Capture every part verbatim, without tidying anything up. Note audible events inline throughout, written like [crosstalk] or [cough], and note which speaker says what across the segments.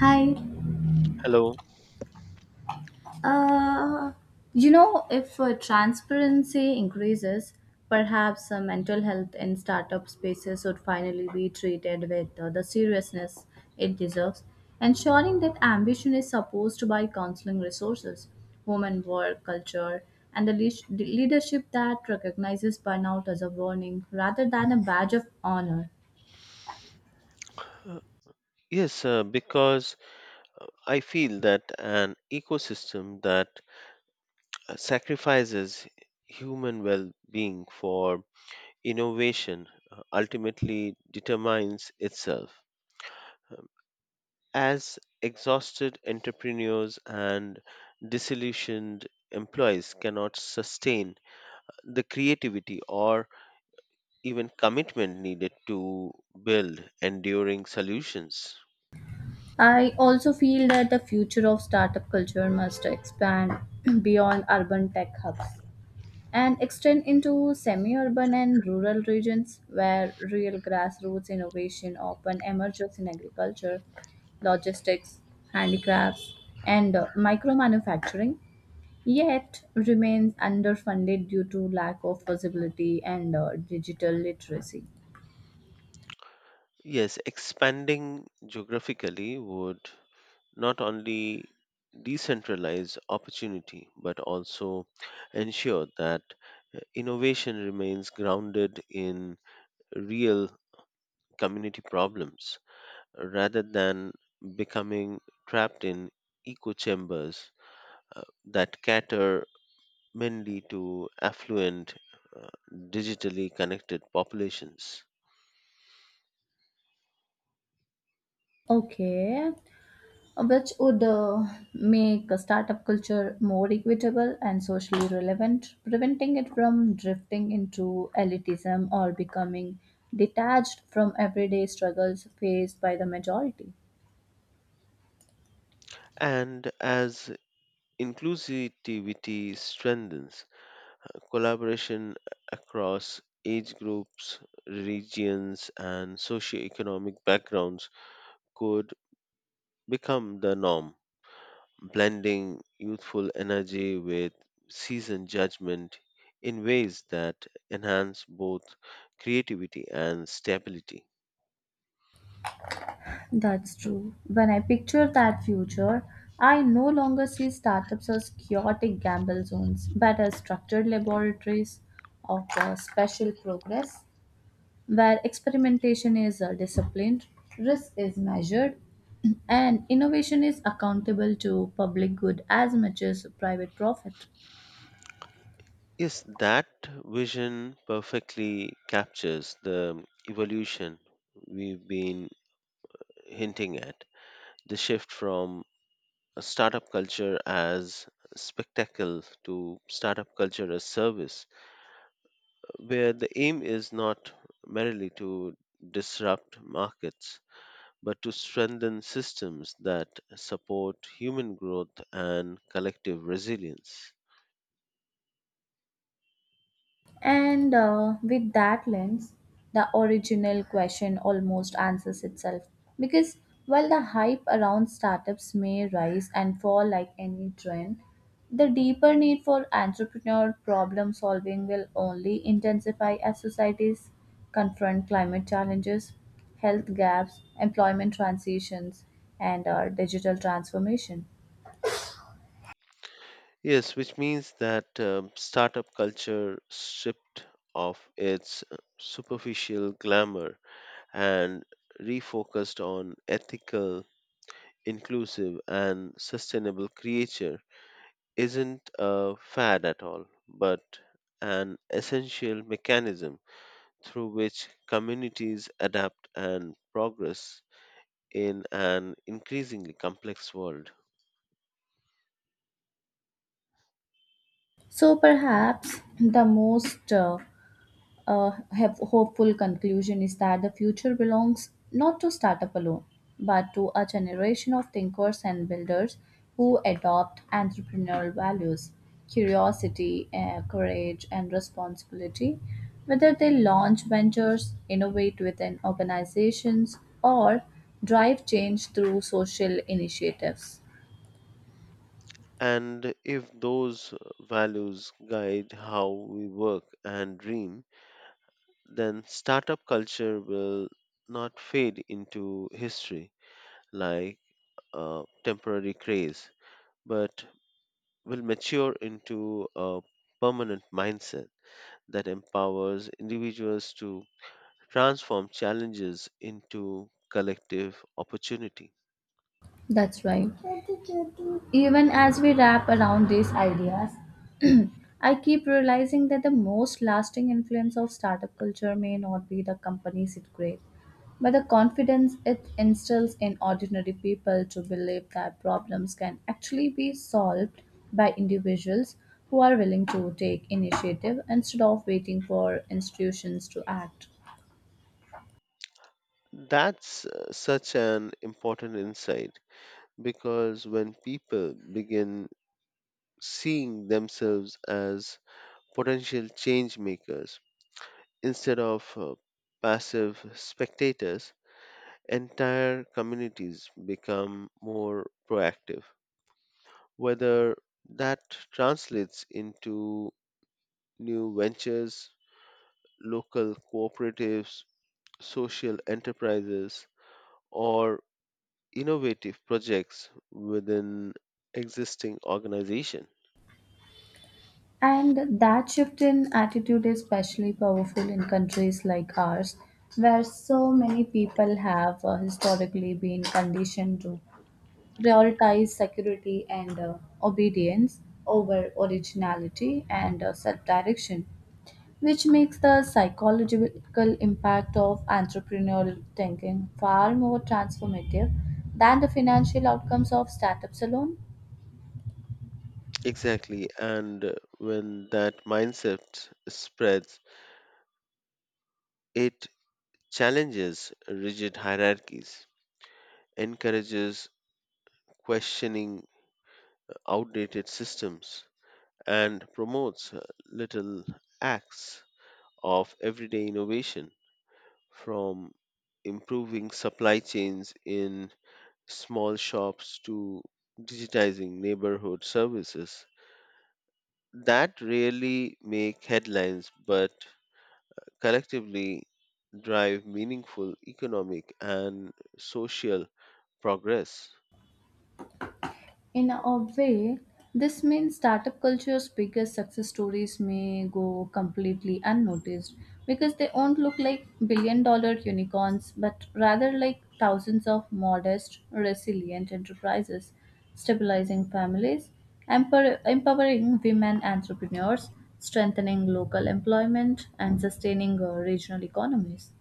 Speaker 1: Hi.
Speaker 2: Hello.
Speaker 1: Uh, you know, if uh, transparency increases, perhaps uh, mental health in startup spaces would finally be treated with uh, the seriousness it deserves, ensuring that ambition is supported by counseling resources, women work culture, and the leash- the leadership that recognizes burnout as a warning rather than a badge of honor.
Speaker 2: Uh, Yes, uh, because I feel that an ecosystem that uh, sacrifices human well being for innovation uh, ultimately determines itself. As exhausted entrepreneurs and disillusioned employees cannot sustain the creativity or even commitment needed to build enduring solutions.
Speaker 1: I also feel that the future of startup culture must expand [clears throat] beyond urban tech hubs and extend into semi urban and rural regions where real grassroots innovation often emerges in agriculture, logistics, handicrafts, and micro manufacturing, yet remains underfunded due to lack of visibility and uh, digital literacy.
Speaker 2: Yes, expanding geographically would not only decentralize opportunity but also ensure that uh, innovation remains grounded in real community problems rather than becoming trapped in echo chambers uh, that cater mainly to affluent uh, digitally connected populations.
Speaker 1: Okay, which would uh, make a startup culture more equitable and socially relevant, preventing it from drifting into elitism or becoming detached from everyday struggles faced by the majority.
Speaker 2: And as inclusivity strengthens collaboration across age groups, regions, and socioeconomic backgrounds could become the norm, blending youthful energy with seasoned judgment in ways that enhance both creativity and stability.
Speaker 1: That's true. When I picture that future, I no longer see startups as chaotic gamble zones, but as structured laboratories of uh, special progress where experimentation is uh, disciplined, risk is measured, [clears throat] and innovation is accountable to public good as much as private profit.
Speaker 2: Yes, that vision perfectly captures the evolution we've been hinting at, the shift from startup culture as spectacle to startup culture as service, where the aim is not merely to disrupt markets, but to strengthen systems that support human growth and collective resilience.
Speaker 1: And uh, with that lens, the original question almost answers itself. Because while the hype around startups may rise and fall like any trend, the deeper need for entrepreneur problem solving will only intensify as societies confront climate challenges, health gaps, employment transitions, and our digital transformation.
Speaker 2: Yes, which means that um, startup culture stripped of its uh, superficial glamour and refocused on ethical, inclusive, and sustainable creature isn't a fad at all, but an essential mechanism through which communities adapt and progress in an increasingly complex world.
Speaker 1: So perhaps the most uh, uh, have hopeful conclusion is that the future belongs not to startup alone, but to a generation of thinkers and builders who adopt entrepreneurial values, curiosity, uh, courage, and responsibility. Whether they launch ventures, innovate within organizations, or drive change through social initiatives.
Speaker 2: And if those values guide how we work and dream, then startup culture will not fade into history like a temporary craze, but will mature into a permanent mindset that empowers individuals to transform challenges into collective opportunity.
Speaker 1: That's right. Even as we wrap around these ideas, [clears throat] I keep realizing that the most lasting influence of startup culture may not be the companies it creates, but the confidence it instills in ordinary people to believe that problems can actually be solved by individuals who are willing to take initiative instead of waiting for institutions to act.
Speaker 2: That's uh, such an important insight, because when people begin seeing themselves as potential change makers instead of uh, passive spectators, entire communities become more proactive. Whether that translates into new ventures, local cooperatives, social enterprises, or innovative projects within existing organization.
Speaker 1: And that shift in attitude is especially powerful in countries like ours, where so many people have uh, historically been conditioned to prioritize security and uh, obedience over originality and uh, self direction, which makes the psychological impact of entrepreneurial thinking far more transformative than the financial outcomes of startups alone.
Speaker 2: Exactly, and uh, when that mindset spreads, it challenges rigid hierarchies, encourages questioning outdated systems, and promotes uh, little acts of everyday innovation, from improving supply chains in small shops to digitizing neighborhood services that rarely make headlines but collectively drive meaningful economic and social progress.
Speaker 1: In a way, this means startup culture's biggest success stories may go completely unnoticed because they won't look like billion dollar unicorns, but rather like thousands of modest, resilient enterprises, stabilizing families, empower- empowering women entrepreneurs, strengthening local employment, and sustaining uh, regional economies.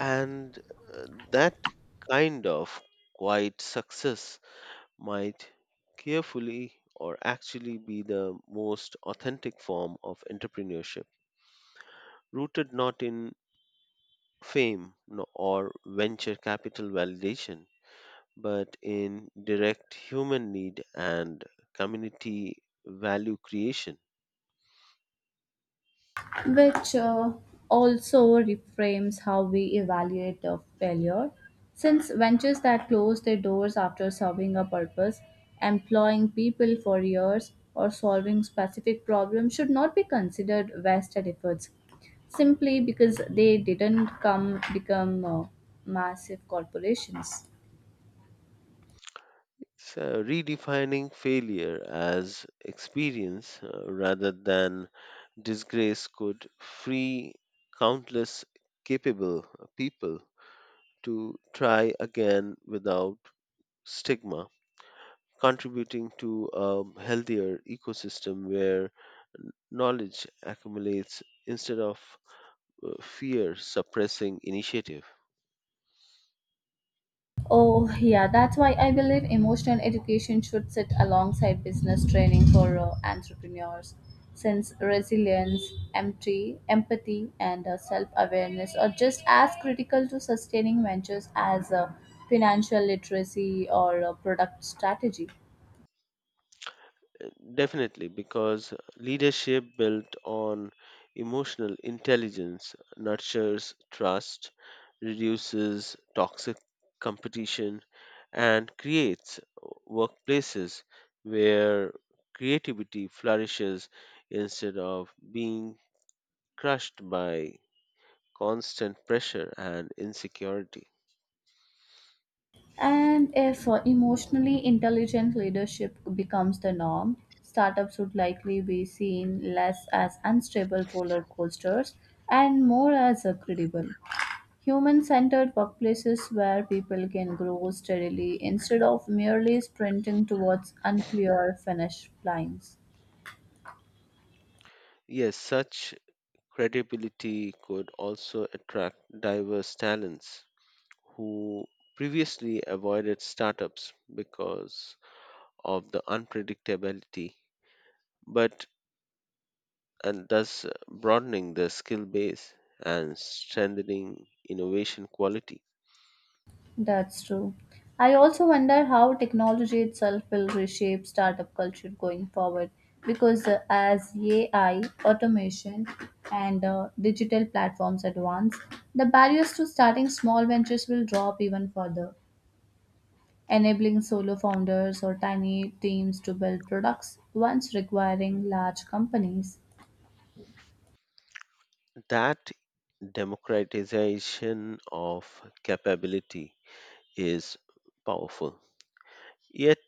Speaker 2: And uh, that kind of quiet success might carefully or actually be the most authentic form of entrepreneurship, rooted not in fame no- or venture capital validation but in direct human need and community value creation.
Speaker 1: Which uh, also reframes how we evaluate a failure. Since ventures that close their doors after serving a purpose, employing people for years, or solving specific problems should not be considered wasted efforts simply because they didn't come become uh, massive corporations.
Speaker 2: It's uh, redefining failure as experience uh, rather than disgrace could free countless capable people to try again without stigma, contributing to a healthier ecosystem where knowledge accumulates instead of uh, fear suppressing initiative.
Speaker 1: Oh, yeah, that's why I believe emotional education should sit alongside business training for uh, entrepreneurs, since resilience, empty, empathy, and uh, self awareness are just as critical to sustaining ventures as uh, financial literacy or uh, product strategy.
Speaker 2: Uh, Definitely, because leadership built on emotional intelligence nurtures trust, reduces toxic competition, and creates workplaces where creativity flourishes instead of being crushed by constant pressure and insecurity.
Speaker 1: And if uh, emotionally intelligent leadership becomes the norm, startups would likely be seen less as unstable roller coasters and more as uh, credible. Human centered workplaces where people can grow steadily instead of merely sprinting towards unclear finish lines.
Speaker 2: Yes, such credibility could also attract diverse talents who previously avoided startups because of the unpredictability, but and thus uh, broadening the skill base and strengthening innovation quality.
Speaker 1: That's true. I also wonder how technology itself will reshape startup culture going forward because uh, as A I, automation, and uh, digital platforms advance, the barriers to starting small ventures will drop even further, enabling solo founders or tiny teams to build products once requiring large companies.
Speaker 2: That democratization of capability is powerful. Yet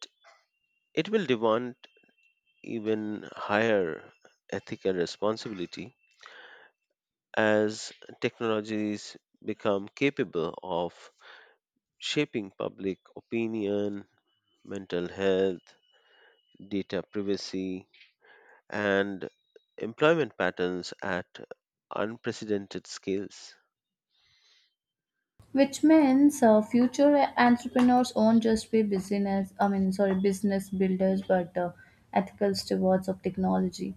Speaker 2: it will demand even higher ethical responsibility as technologies become capable of shaping public opinion, mental health, data privacy, and employment patterns at unprecedented scales.
Speaker 1: Which means uh, future entrepreneurs won't just be business I mean sorry business builders but uh, ethical stewards of technology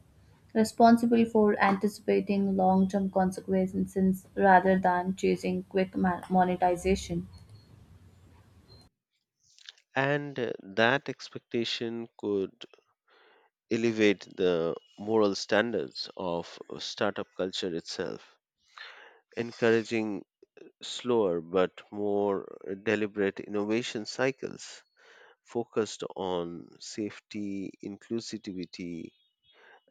Speaker 1: responsible for anticipating long-term consequences rather than chasing quick ma- monetization.
Speaker 2: And uh, that expectation could elevate the moral standards of startup culture itself, encouraging slower but more deliberate innovation cycles focused on safety, inclusivity,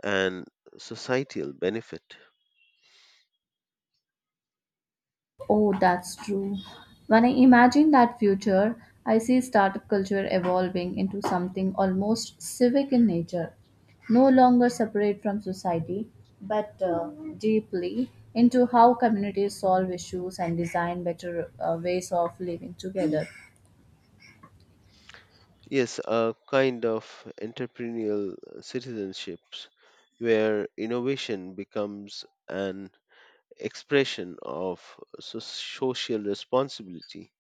Speaker 2: and societal benefit.
Speaker 1: Oh, that's true. When I imagine that future, I see startup culture evolving into something almost civic in nature, no longer separate from society, but uh, deeply into how communities solve issues and design better uh, ways of living together.
Speaker 2: Yes, a kind of entrepreneurial citizenships where innovation becomes an expression of so- social responsibility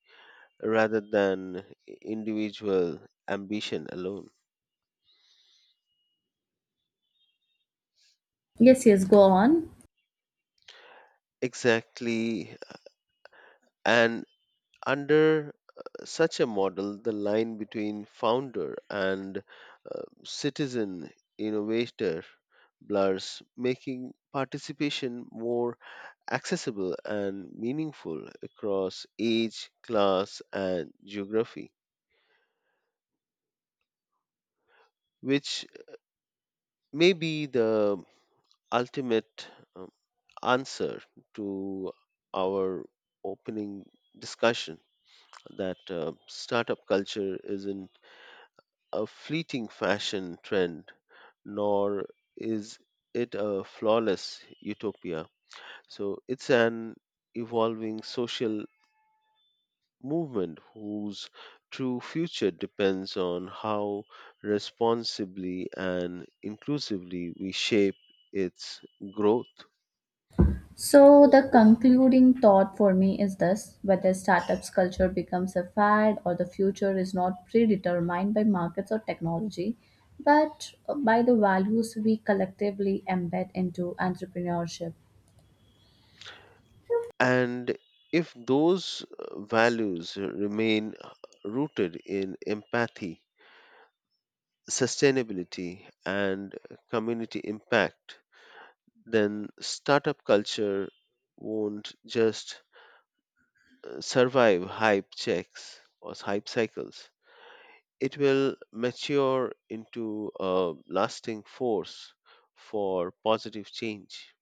Speaker 2: rather than individual ambition alone.
Speaker 1: Yes, yes, go on.
Speaker 2: Exactly, and under uh, such a model, the line between founder and uh, citizen innovator blurs, making participation more accessible and meaningful across age, class, and geography, which may be the ultimate um, answer to our opening discussion, that uh, startup culture isn't a fleeting fashion trend, nor is it a flawless utopia. So it's an evolving social movement whose true future depends on how responsibly and inclusively we shape its growth.
Speaker 1: So, the concluding thought for me is this: whether startups culture becomes a fad or the future is not predetermined by markets or technology, but by the values we collectively embed into entrepreneurship.
Speaker 2: And if those uh, values remain rooted in empathy, sustainability, and community impact, then startup culture won't just uh, survive hype checks or hype cycles. It will mature into a lasting force for positive change.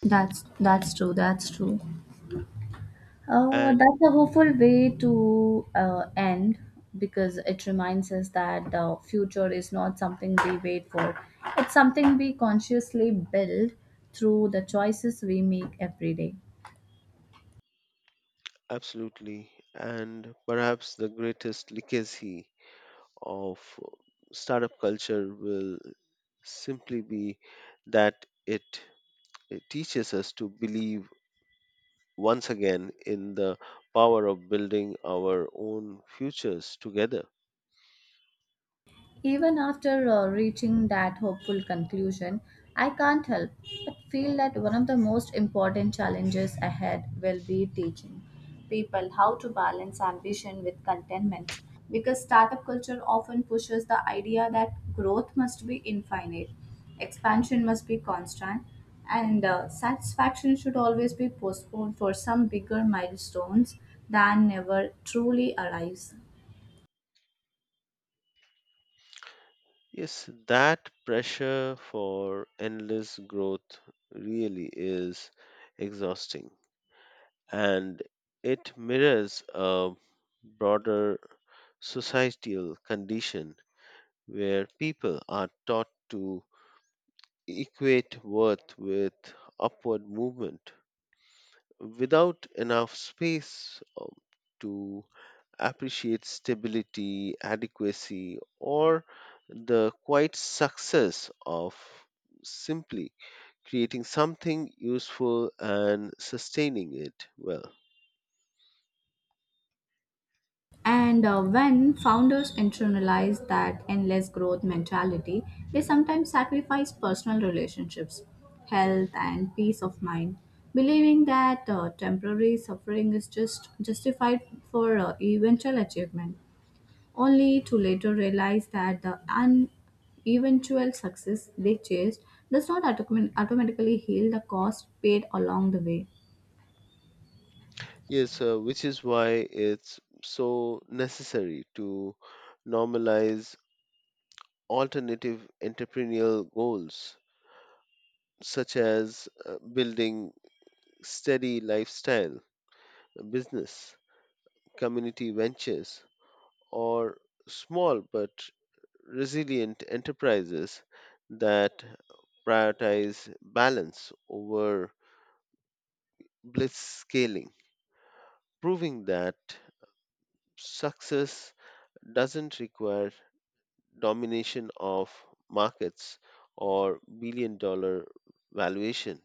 Speaker 1: That's that's true. That's true. Uh,
Speaker 2: And
Speaker 1: that's a hopeful way to uh, end, because it reminds us that the future is not something we wait for. It's something we consciously build through the choices we make every day.
Speaker 2: absolutely, and perhaps the greatest legacy of startup culture will simply be that it, it teaches us to believe once again in the power of building our own futures together.
Speaker 1: Even after uh, reaching that hopeful conclusion, I can't help but feel that one of the most important challenges ahead will be teaching people how to balance ambition with contentment because startup culture often pushes the idea that growth must be infinite, expansion must be constant, and uh, satisfaction should always be postponed for some bigger milestones that never truly arrives.
Speaker 2: Yes, that pressure for endless growth really is exhausting, and it mirrors a broader societal condition where people are taught to equate worth with upward movement without enough space um, to appreciates stability, adequacy, or the quiet success of simply creating something useful and sustaining it well.
Speaker 1: And uh, when founders internalize that endless growth mentality, they sometimes sacrifice personal relationships, health, and peace of mind, believing that uh, temporary suffering is just justified for uh, eventual achievement, only to later realize that the uneventual success they chased does not automatically heal the cost paid along the way.
Speaker 2: Yes, uh, which is why it's so necessary to normalize alternative entrepreneurial goals, such as uh, building steady lifestyle, business, community ventures, or small but resilient enterprises that prioritize balance over blitz scaling, proving that success doesn't require domination of markets or billion dollar valuation.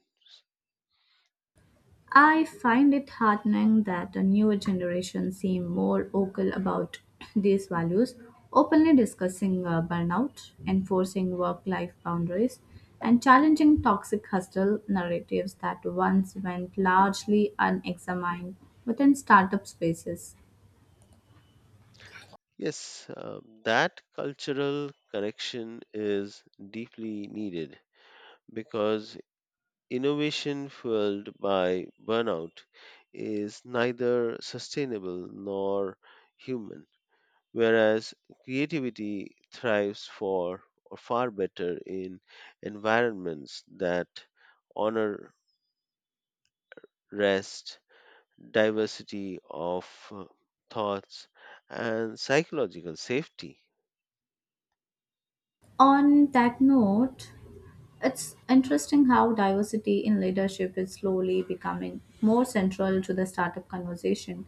Speaker 1: I find it heartening that the newer generation seem more vocal about [clears throat] these values, openly discussing uh, burnout, enforcing work life boundaries, and challenging toxic hustle narratives that once went largely unexamined within startup spaces.
Speaker 2: Yes, uh, that cultural correction is deeply needed because innovation fueled by burnout is neither sustainable nor human, whereas creativity thrives for or far better in environments that honor rest, diversity of uh, thoughts, and psychological safety.
Speaker 1: On that note, it's interesting how diversity in leadership is slowly becoming more central to the startup conversation.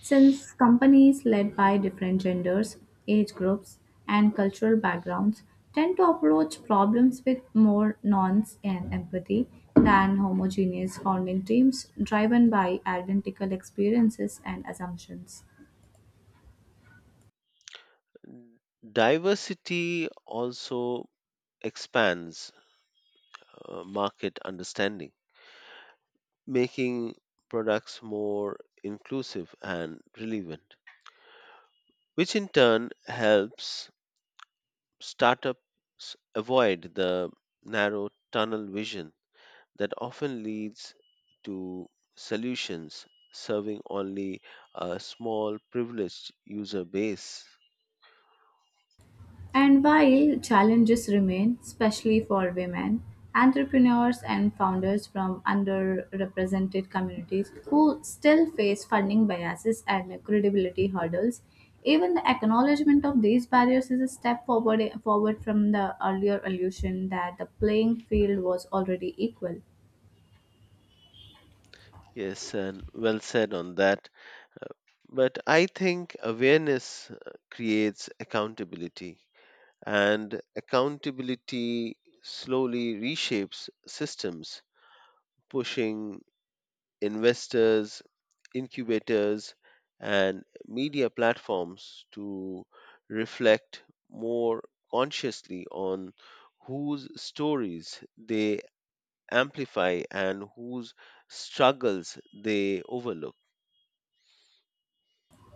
Speaker 1: Since companies led by different genders, age groups, and cultural backgrounds tend to approach problems with more nuance and empathy than homogeneous founding teams driven by identical experiences and assumptions.
Speaker 2: Diversity also expands uh, market understanding, making products more inclusive and relevant, which in turn helps startups avoid the narrow tunnel vision that often leads to solutions serving only a small privileged user base.
Speaker 1: And while challenges remain, especially for women, entrepreneurs and founders from underrepresented communities who still face funding biases and credibility hurdles, even the acknowledgement of these barriers is a step forward, forward from the earlier illusion that the playing field was already equal.
Speaker 2: Yes, and well said on that. Uh, But I think awareness uh, creates accountability, and accountability slowly reshapes systems, pushing investors, incubators, and media platforms to reflect more consciously on whose stories they amplify and whose struggles they overlook.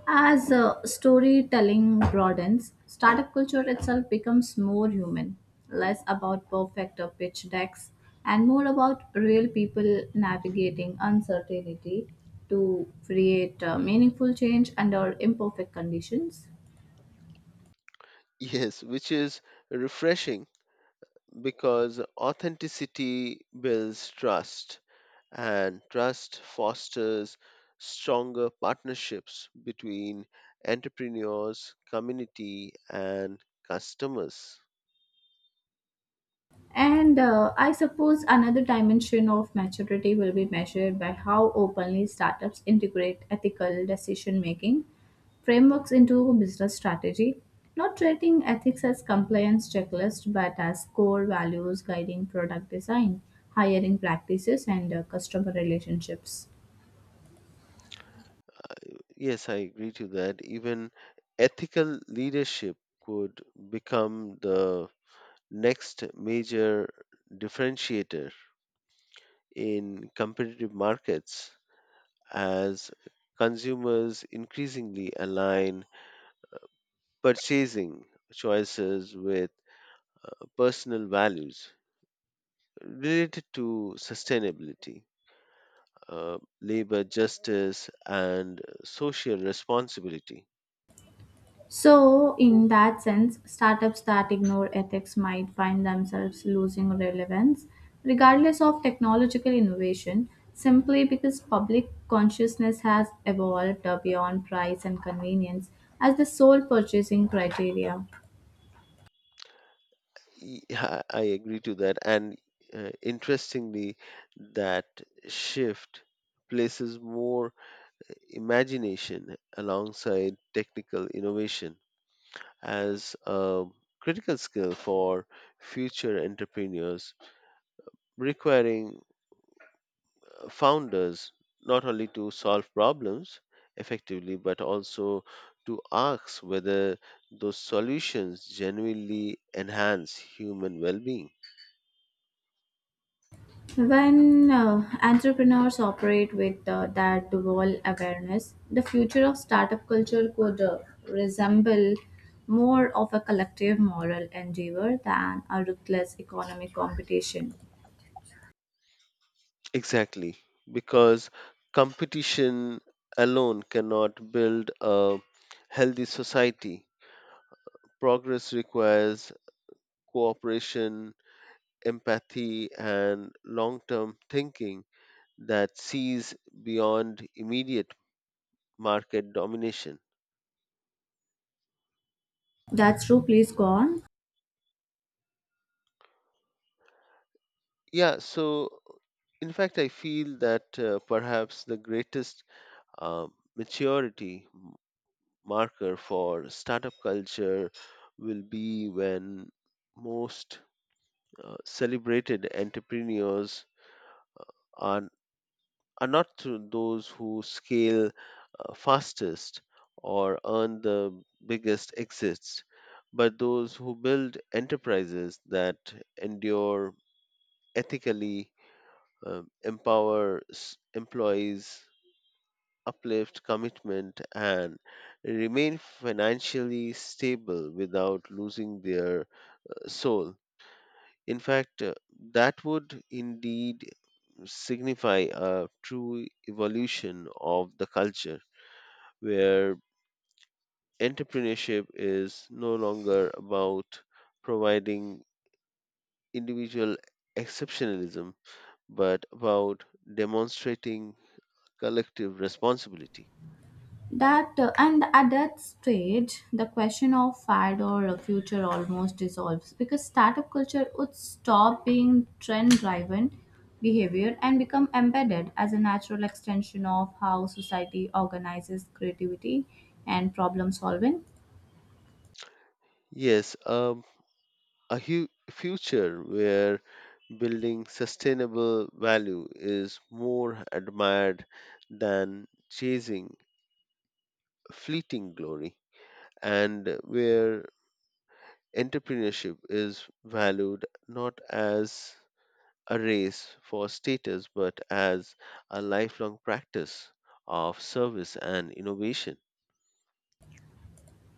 Speaker 1: As uh, storytelling broadens, startup culture itself becomes more human, less about perfect uh, pitch decks, and more about real people navigating uncertainty to create uh, meaningful change under imperfect conditions.
Speaker 2: Yes, which is refreshing because authenticity builds trust and trust fosters stronger partnerships between entrepreneurs, community, and customers.
Speaker 1: And uh, I suppose another dimension of maturity will be measured by how openly startups integrate ethical decision making frameworks into business strategy, not treating ethics as compliance checklist but as core values guiding product design, hiring practices, and uh, customer relationships.
Speaker 2: Yes, I agree to that. Even ethical leadership could become the next major differentiator in competitive markets, as consumers increasingly align purchasing choices with personal values related to sustainability, uh, labor justice, and social responsibility.
Speaker 1: So, in that sense, startups that ignore ethics might find themselves losing relevance, regardless of technological innovation, simply because public consciousness has evolved beyond price and convenience as the sole purchasing criteria.
Speaker 2: Yeah, I agree to that. And uh, interestingly, that shift places more imagination alongside technical innovation as a critical skill for future entrepreneurs, requiring founders not only to solve problems effectively but also to ask whether those solutions genuinely enhance human well-being.
Speaker 1: When uh, entrepreneurs operate with uh, that dual awareness, the future of startup culture could uh, resemble more of a collective moral endeavor than a ruthless economic competition.
Speaker 2: Exactly, because competition alone cannot build a healthy society. Progress requires cooperation, empathy, and long-term thinking that sees beyond immediate market domination.
Speaker 1: That's true. Please go on.
Speaker 2: Yeah, so in fact, I feel that uh, perhaps the greatest uh, maturity marker for startup culture will be when most uh, celebrated entrepreneurs are, are not th- those who scale uh, fastest or earn the biggest exits, but those who build enterprises that endure ethically, um, empower s- employees, uplift commitment, and remain financially stable without losing their uh, soul. In fact, uh, that would indeed signify a true evolution of the culture, where entrepreneurship is no longer about providing individual exceptionalism but about demonstrating collective responsibility.
Speaker 1: That uh, and at that stage the question of fad or a future almost dissolves because startup culture would stop being trend driven behavior and become embedded as a natural extension of how society organizes creativity and problem solving.
Speaker 2: Yes, um, a hu- future where building sustainable value is more admired than chasing fleeting glory, and where entrepreneurship is valued not as a race for status but as a lifelong practice of service and innovation.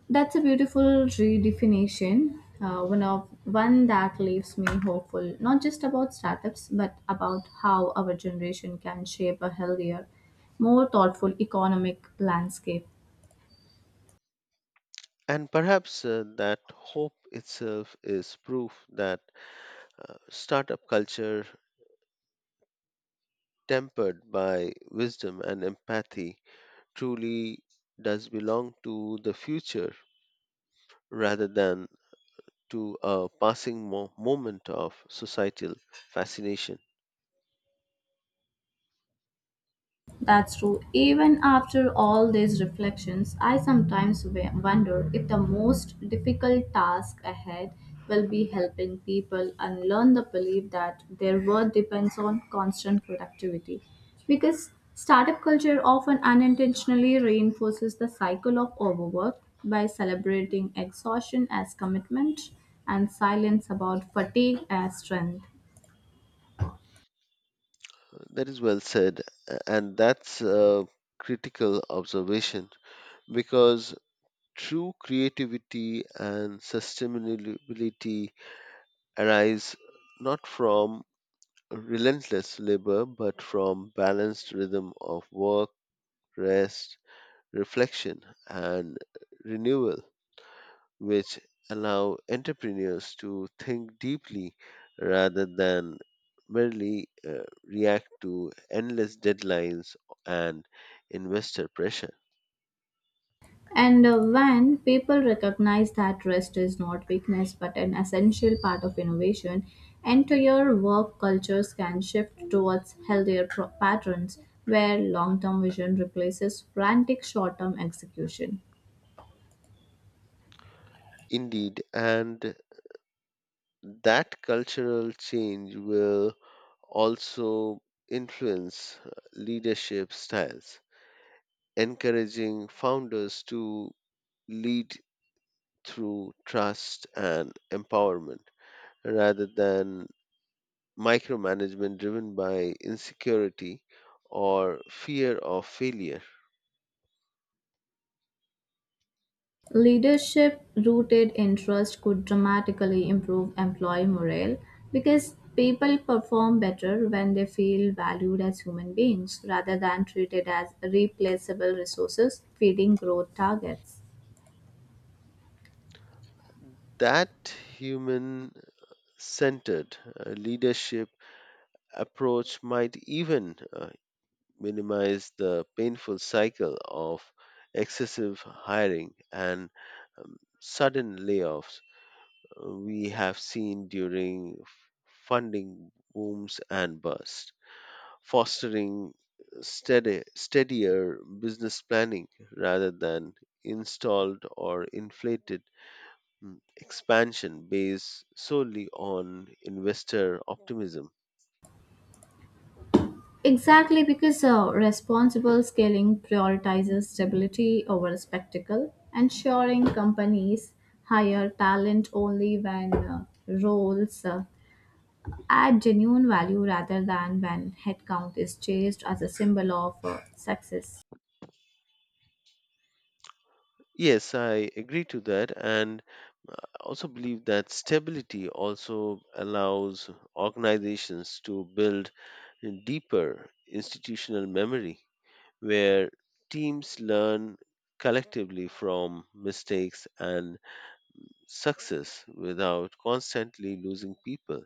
Speaker 1: That's a beautiful redefinition, uh, one of one that leaves me hopeful, not just about startups, but about how our generation can shape a healthier, more thoughtful economic landscape.
Speaker 2: And perhaps uh, that hope itself is proof that uh, startup culture tempered by wisdom and empathy, truly does belong to the future rather than to a passing mo- moment of societal fascination.
Speaker 1: That's true. Even after all these reflections, I sometimes wa- wonder if the most difficult task ahead will be helping people unlearn the belief that their worth depends on constant productivity. Because startup culture often unintentionally reinforces the cycle of overwork by celebrating exhaustion as commitment and silence about fatigue as strength.
Speaker 2: That is well said, a- and that's a critical observation because true creativity and sustainability arise not from relentless labor but from balanced rhythm of work, rest, reflection, and renewal, which allow entrepreneurs to think deeply rather than merely uh, react to endless deadlines and investor pressure.
Speaker 1: And uh, when people recognize that rest is not weakness but an essential part of innovation, entire work cultures can shift towards healthier pro- patterns where long term vision replaces frantic short term execution.
Speaker 2: Indeed, and that cultural change will also influence uh, leadership styles, encouraging founders to lead through trust and empowerment rather than micromanagement driven by insecurity or fear of failure.
Speaker 1: Leadership rooted in trust could dramatically improve employee morale because people perform better when they feel valued as human beings rather than treated as replaceable resources feeding growth targets.
Speaker 2: That human centered uh, leadership approach might even uh, minimize the painful cycle of excessive hiring and um, sudden layoffs uh, we have seen during funding booms and bursts, fostering steady, steadier business planning rather than installed or inflated mm, expansion based solely on investor optimism.
Speaker 1: Exactly, because uh, responsible scaling prioritizes stability over spectacle, ensuring companies hire talent only when uh, roles uh, add genuine value rather than when headcount is chased as a symbol of uh, success.
Speaker 2: Yes, I agree to that, and I also believe that stability also allows organizations to build deeper institutional memory where teams learn collectively from mistakes and success without constantly losing people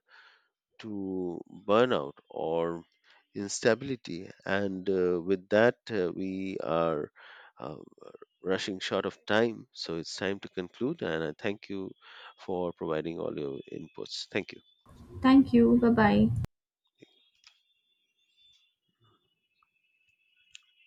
Speaker 2: to burnout or instability. And uh, with that, uh, we are uh, rushing short of time. So it's time to conclude. And I thank you for providing all your inputs. Thank you.
Speaker 1: Thank you. Bye bye.